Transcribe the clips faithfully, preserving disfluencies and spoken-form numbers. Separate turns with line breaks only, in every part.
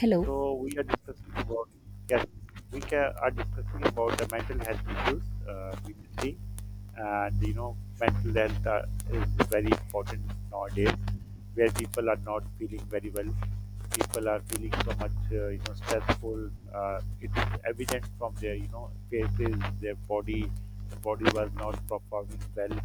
Hello.
So we are discussing about, yes, we ca- are discussing about the mental health issues, uh, we see, and you know mental health uh, is very important nowadays, where people are not feeling very well. People are feeling so much uh, you know stressful. Uh, it's evident from their you know faces, their body, the body was not performing well,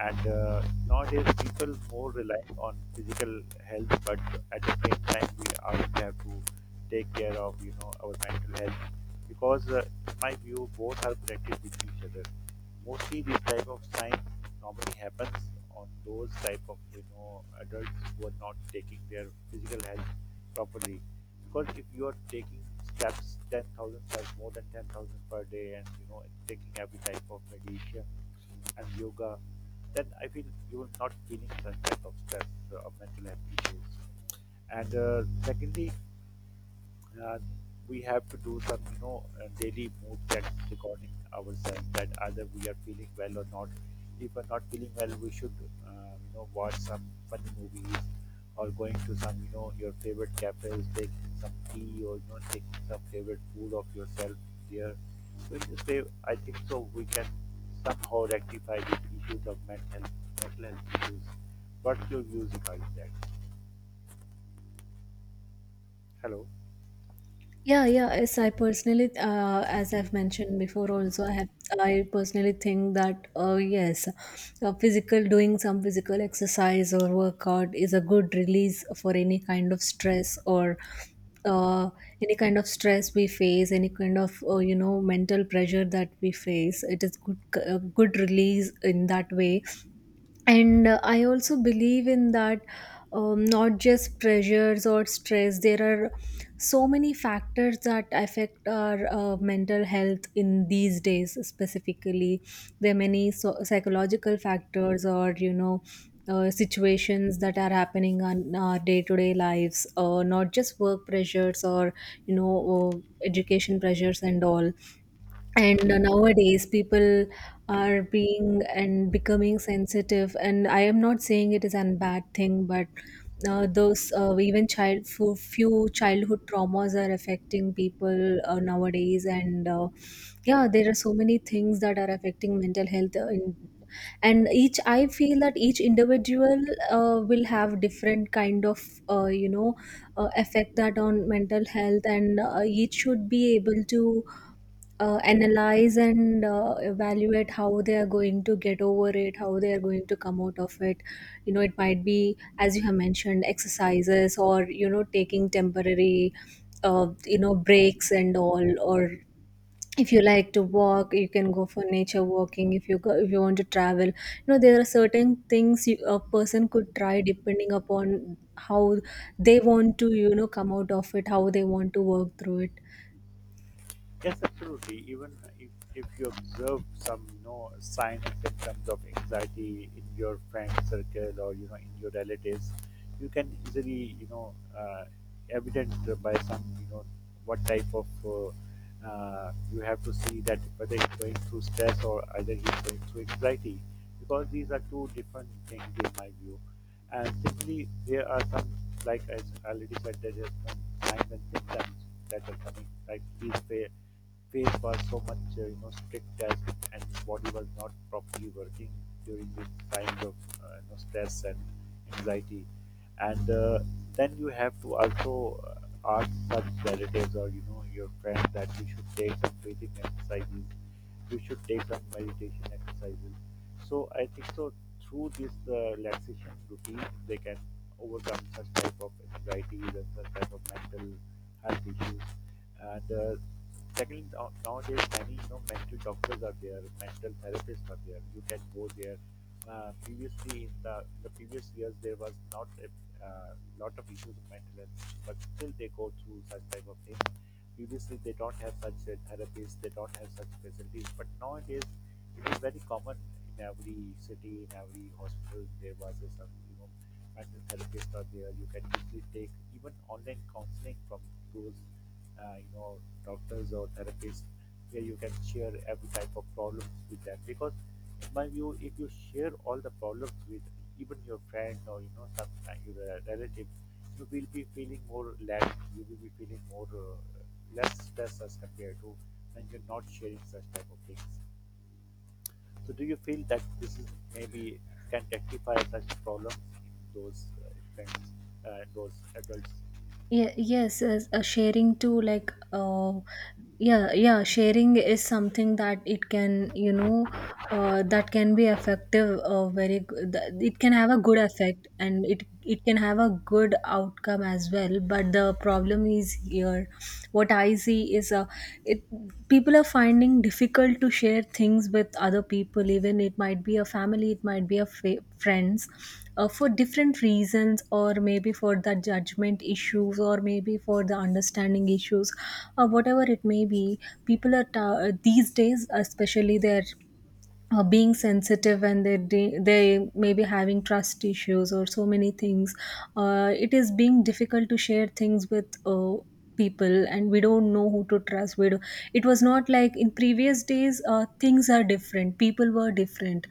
and uh, nowadays people more relying on physical health, but at the same time we also have to take care of you know our mental health, because uh, in my view both are connected with each other. Mostly this type of sign normally happens on those type of you know adults who are not taking their physical health properly, because if you are taking steps, ten thousand steps, more than ten thousand per day, and you know, taking every type of meditation and yoga, then I feel you will not feeling such type of stress, uh, or mental health issues. And uh, secondly, uh, we have to do some you know uh, daily mood check regarding ourselves, that either we are feeling well or not. If we're not feeling well, we should uh, you know watch some funny movies, or going to some you know your favorite cafes, taking some tea, or you know taking some favorite food of yourself there. So in this way I think so we can somehow rectify these issues of mental mental health issues. What's your views regarding that? Hello?
Yeah, yeah. Yes, I personally, uh, as I've mentioned before, also I have. I personally think that uh, yes, uh, physical doing some physical exercise or workout is a good release for any kind of stress or uh, any kind of stress we face, any kind of uh, you know mental pressure that we face. It is good, uh, good release in that way, and uh, I also believe in that. Um, not just pressures or stress, there are so many factors that affect our uh, mental health in these days. Specifically there are many so- psychological factors, or you know, uh, situations that are happening on our day-to-day lives, uh, not just work pressures or you know, uh, education pressures and all. And uh, nowadays people are being and becoming sensitive, and I am not saying it is a bad thing, but uh, those uh, even child few, few childhood traumas are affecting people uh, nowadays. And uh, yeah, there are so many things that are affecting mental health, uh, in, and each, I feel that each individual uh, will have different kind of uh, you know uh, effect that on mental health. And uh, each should be able to uh, analyze and uh, evaluate how they are going to get over it, how they are going to come out of it. You know, it might be, as you have mentioned, exercises, or you know, taking temporary uh, you know breaks and all. Or if you like to walk, you can go for nature walking. If you go, if you want to travel, you know, there are certain things you, a person could try, depending upon how they want to, you know, come out of it, how they want to work through it.
Yes, absolutely. Even if, if you observe some, you know, signs and symptoms of anxiety in your friend circle, or, you know, in your relatives, you can easily, you know, uh, evident by some, you know, what type of uh, uh, you have to see that whether he's going through stress, or either he's going through anxiety, because these are two different things in my view. And simply there are some, like I already said, there are some signs and symptoms that are coming. Like his fa- face was so much, uh, you know, strict, as and his body was not properly working during this kind of uh, you know, stress and anxiety. And uh, then you have to also uh, ask such relatives or you know your friends that you should take some breathing exercises. You should take some meditation exercises, so I think so through this uh, relaxation routine, they can overcome such type of anxieties and such type of mental health issues. And uh, secondly, now- nowadays many you know mental doctors are there, mental therapists are there. You can go there. Uh, previously, in the the previous years, there was not a uh, lot of issues of mental health, but still they go through such type of things. Previously they don't have such uh, therapies, they don't have such facilities. But nowadays, it is very common in every city, in every hospital. There was a some you know mental therapist out there. You can easily take even online counseling from those uh, you know doctors or therapists, where you can share every type of problems with them, because in my view if you share all the problems with even your friend or you know some uh, your uh, relative, you will be feeling more lack, you will be feeling more uh, less stress as compared to when you're not sharing such type of things. So do you feel that this is maybe can rectify such problems in those uh, friends, uh, those adults?
Yeah, yes, yes, uh, sharing too, like, uh, yeah, yeah, sharing is something that it can, you know, uh, that can be effective, uh, very good. It can have a good effect, and it, it can have a good outcome as well. But the problem is here, what I see is, uh, it people are finding difficult to share things with other people, even it might be a family, it might be a fa- friends, uh, for different reasons, or maybe for the judgment issues, or maybe for the understanding issues, or whatever it may be. People are ta- these days especially, they're uh, being sensitive, and they de- they may be having trust issues or so many things. Uh, it is being difficult to share things with uh, people, and we don't know who to trust. We do- it was not like in previous days. Uh, things are different, people were different,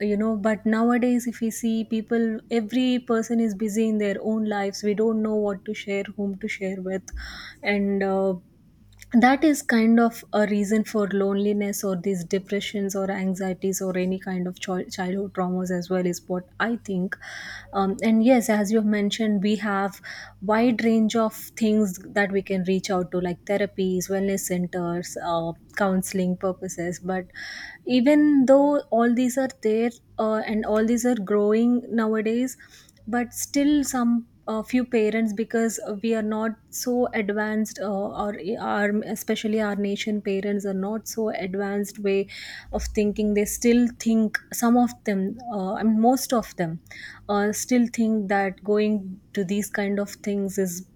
you know, but nowadays, if we see, people, every person is busy in their own lives. We don't know what to share, whom to share with. And uh, that is kind of a reason for loneliness, or these depressions or anxieties, or any kind of chil- childhood traumas as well, is what I think. Um, and yes, as you have mentioned, we have wide range of things that we can reach out to, like therapies, wellness centers, uh, counseling purposes. But even though all these are there, uh, and all these are growing nowadays, but still some a few parents, because we are not so advanced, uh, or our especially our nation parents are not so advanced way of thinking. They still think, some of them uh, I mean most of them uh, still think that going to these kind of things is,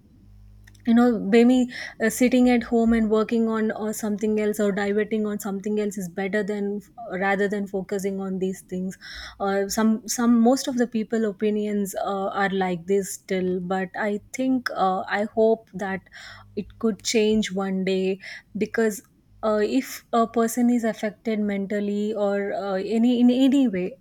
you know, maybe uh, sitting at home and working on or something else, or diverting on something else is better than, uh, rather than focusing on these things. Uh, some some Most of the people opinions uh, are like this still, but I think, uh, I hope that it could change one day, because uh, if a person is affected mentally or uh, any in any way,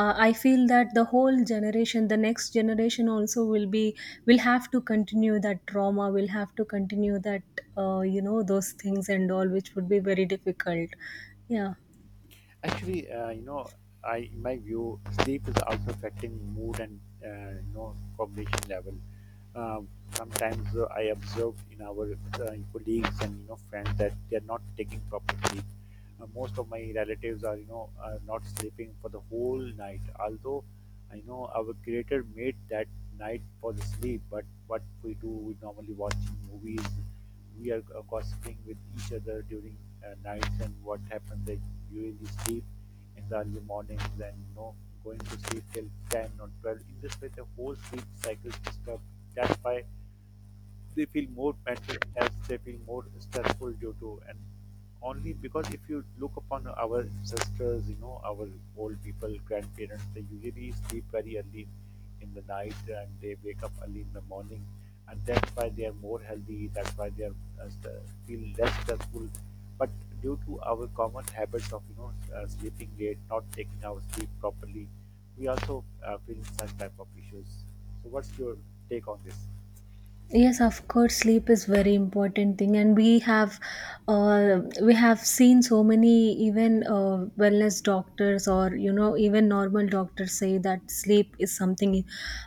uh, I feel that the whole generation the next generation also will be, will have to continue that trauma, will have to continue that, uh, you know, those things and all, which would be very difficult. Yeah.
Actually, uh, you know, I in my view, sleep is also affecting mood and uh, you know cognition level. Um, Sometimes uh, I observe in our uh, colleagues and you know friends that they are not taking proper sleep. Uh, most of my relatives are, you know, are not sleeping for the whole night. Although I know our creator made that night for the sleep, but what we do, we normally watching movies. We are uh, gossiping with each other during uh, nights, and what happens they usually sleep in the early mornings, and you know going to sleep till ten or twelve. In this way the whole sleep cycle is disturbed. That's why they feel more mental health, they feel more stressful due to, and only because if you look upon our ancestors, you know, our old people, grandparents, they usually sleep very early in the night, and they wake up early in the morning, and that's why they are more healthy. That's why they are uh, st- feel less stressful. But due to our common habits of you know uh, sleeping late, not taking our sleep properly, we also uh, feel some type of issues. So, what's your take on this?
Yes, of course, sleep is very important thing, and we have, uh, we have seen so many, even uh, wellness doctors, or you know, even normal doctors say that sleep is something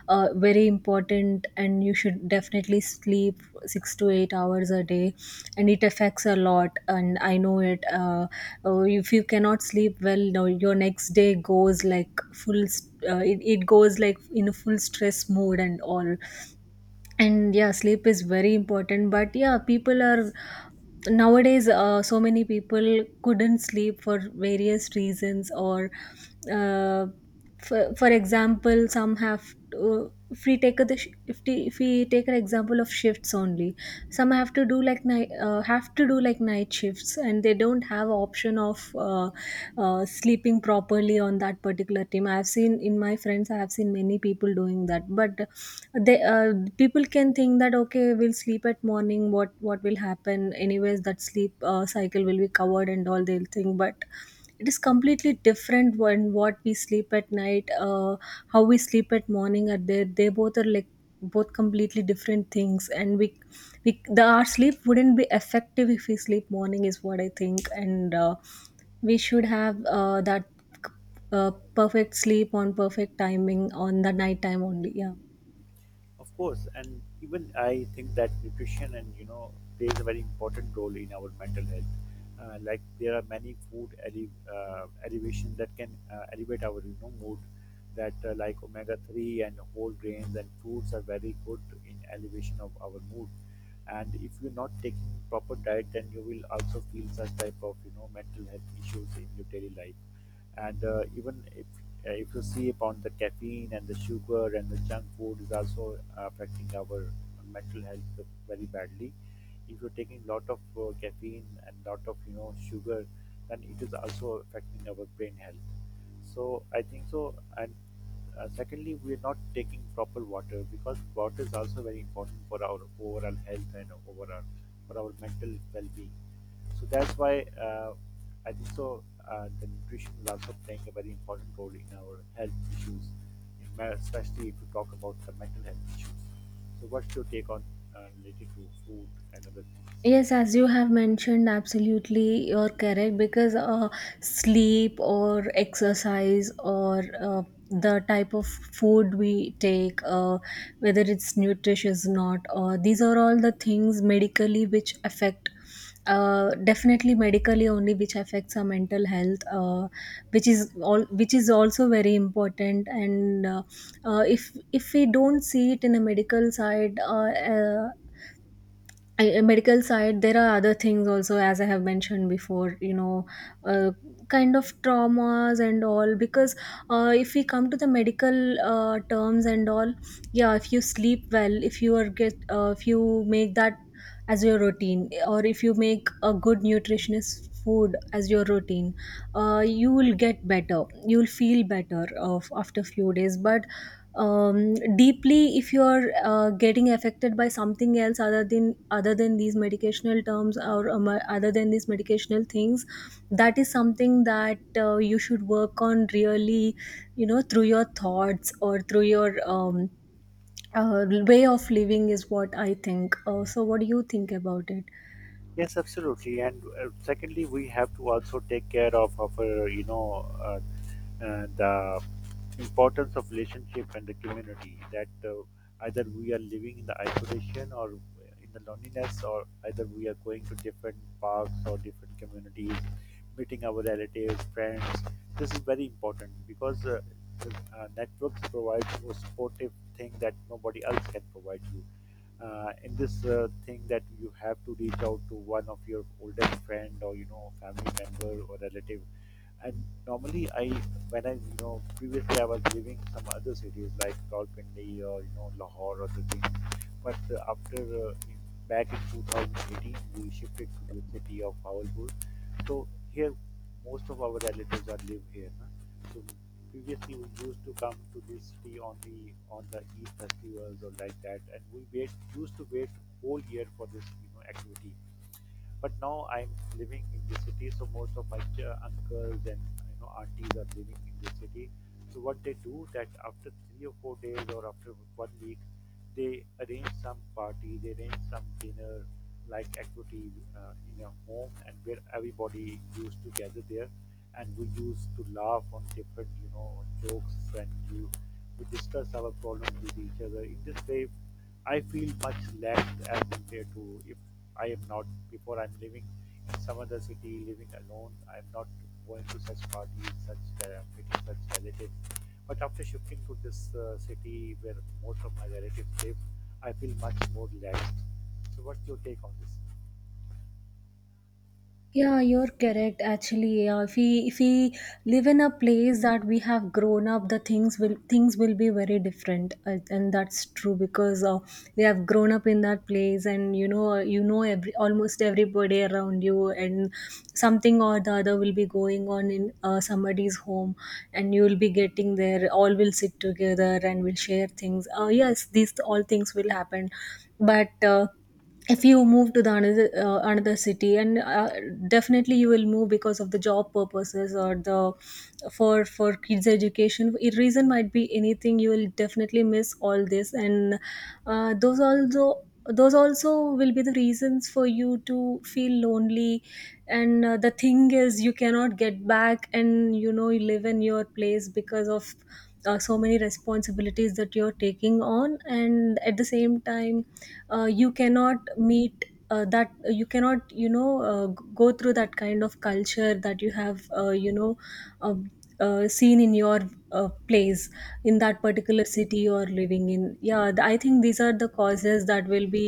uh, very important, and you should definitely sleep six to eight hours a day, and it affects a lot. And I know it. Uh, uh, if you cannot sleep well, no, your next day goes like full. St- uh, it, it goes like in a full stress mode and all. And yeah, sleep is very important, but yeah, people are, nowadays uh, so many people couldn't sleep for various reasons, or uh, for, for example, some have to, if we take a, if, we, if we take an example of shifts only, some have to do like night uh, have to do like night shifts, and they don't have option of uh, uh, sleeping properly on that particular team. I have seen in my friends, I have seen many people doing that. But they uh, people can think that, okay, we'll sleep at morning, what what will happen anyways, that sleep uh, cycle will be covered and all, they'll think. But it is completely different when what we sleep at night, uh, how we sleep at morning, are they they both are like both completely different things. And we we the our sleep wouldn't be effective if we sleep morning, is what I think. And uh, we should have uh, that uh, perfect sleep on perfect timing, on the night time only. Yeah.
Of course, and even I think that nutrition and you know plays a very important role in our mental health. Uh, like there are many food ele- uh, elevation that can uh, elevate our you know mood. That uh, like omega three and whole grains and fruits are very good in elevation of our mood. And if you're not taking proper diet, then you will also feel such type of you know mental health issues in your daily life, and uh, even if uh, if you see upon the caffeine and the sugar and the junk food is also uh, affecting our mental health very badly. If you're taking lot of uh, caffeine and lot of you know sugar, then it is also affecting our brain health. So I think so. And uh, secondly, we are not taking proper water, because water is also very important for our overall health, and overall for our mental well-being. So that's why uh, I think so. Uh, the nutrition is also playing a very important role in our health issues, in ma- especially if we talk about the mental health issues. So, what's your take on, uh, related to food and other things?
Yes, as you have mentioned, absolutely, you're correct, because uh, sleep or exercise or uh, the type of food we take, uh, whether it's nutritious or not, or these are all the things medically which affect. Uh, definitely medically only which affects our mental health, uh, which is all, which is also very important. And uh, uh, if if we don't see it in a medical side, uh, uh, I- uh, medical side, there are other things also, as I have mentioned before, you know, uh, kind of traumas and all. Because uh, if we come to the medical uh, terms and all, yeah, if you sleep well, if you are get uh, if you make that as your routine, or if you make a good nutritionist food as your routine, uh, you will get better, you will feel better of after few days. But um, deeply, if you are uh, getting affected by something else, other than other than these medicational terms, or um, other than these medicational things, that is something that uh, you should work on really, you know, through your thoughts or through your um, uh, way of living, is what I think. Uh, so what do you think about it?
Yes, absolutely. And uh, secondly, we have to also take care of our, you know, uh, uh, the importance of relationship and the community, that uh, either we are living in the isolation or in the loneliness, or either we are going to different parks or different communities, meeting our relatives, friends. This is very important because uh, uh, networks provide you a supportive thing that nobody else can provide you uh, in this uh, thing, that you have to reach out to one of your oldest friend or you know family member or relative. And normally, I when I you know previously I was living some other cities like Rawalpindi or you know Lahore or the things, but uh, after uh, in- back in twenty eighteen we shifted to the city of Bhavalpur. So here most of our relatives are live here. Na. So previously we used to come to this city on the on the Eid festivals or like that, and we wait used to wait whole year for this you know activity. But now I'm living in the city, so most of my ch- uncles and you know aunties are living in the city. So what they do that after three or four days, or after one week, they arrange some party, they arrange some dinner like activity uh, in a home, and where everybody used to gather there, and we used to laugh on different you know jokes, and you we discuss our problems with each other. In this way, I feel much lacked as compared to if I am not before I'm living in some other city, living alone. I'm not going to such parties, such uh, meeting such relatives. But after shifting to this uh, city where most of my relatives live, I feel much more relaxed. So, what's your take on this?
Yeah, you're correct. Actually, yeah, if we if we live in a place that we have grown up, the things will things will be very different, uh, and that's true, because uh, we have grown up in that place, and you know, uh, you know every almost everybody around you, and something or the other will be going on in uh, somebody's home, and you will be getting there. All will sit together and will share things. Uh, yes, these all things will happen, but. Uh, if you move to the another uh, another city, and uh, definitely you will move because of the job purposes, or the for for kids education, it reason might be anything, you will definitely miss all this. And uh, those also those also will be the reasons for you to feel lonely. And uh, the thing is you cannot get back and, you know, you live in your place because of uh, so many responsibilities that you're taking on. And at the same time, uh, you cannot meet, uh, that you cannot, you know, uh, g- go through that kind of culture that you have, uh, you know um uh, seen in your uh, place, in that particular city you're living in. Yeah, th- I think these are the causes that will be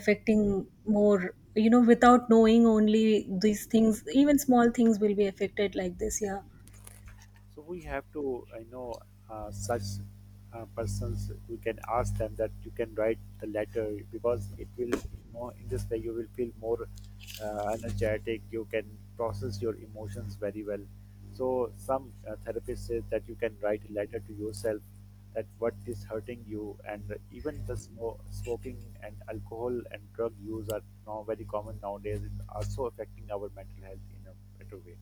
affecting more, you know, without knowing only these things, even small things will be affected like this. Yeah.
So we have to, I know, uh, such uh, persons. We can ask them that you can write the letter, because it will, you know, in this way you will feel more uh, energetic. You can process your emotions very well. So some uh, therapists say that you can write a letter to yourself, that what is hurting you, and even the smo- smoking and alcohol and drug use are now very common nowadays. It also affecting our mental health, you know, a better way.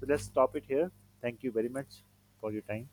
So let's stop it here. Thank you very much for your time.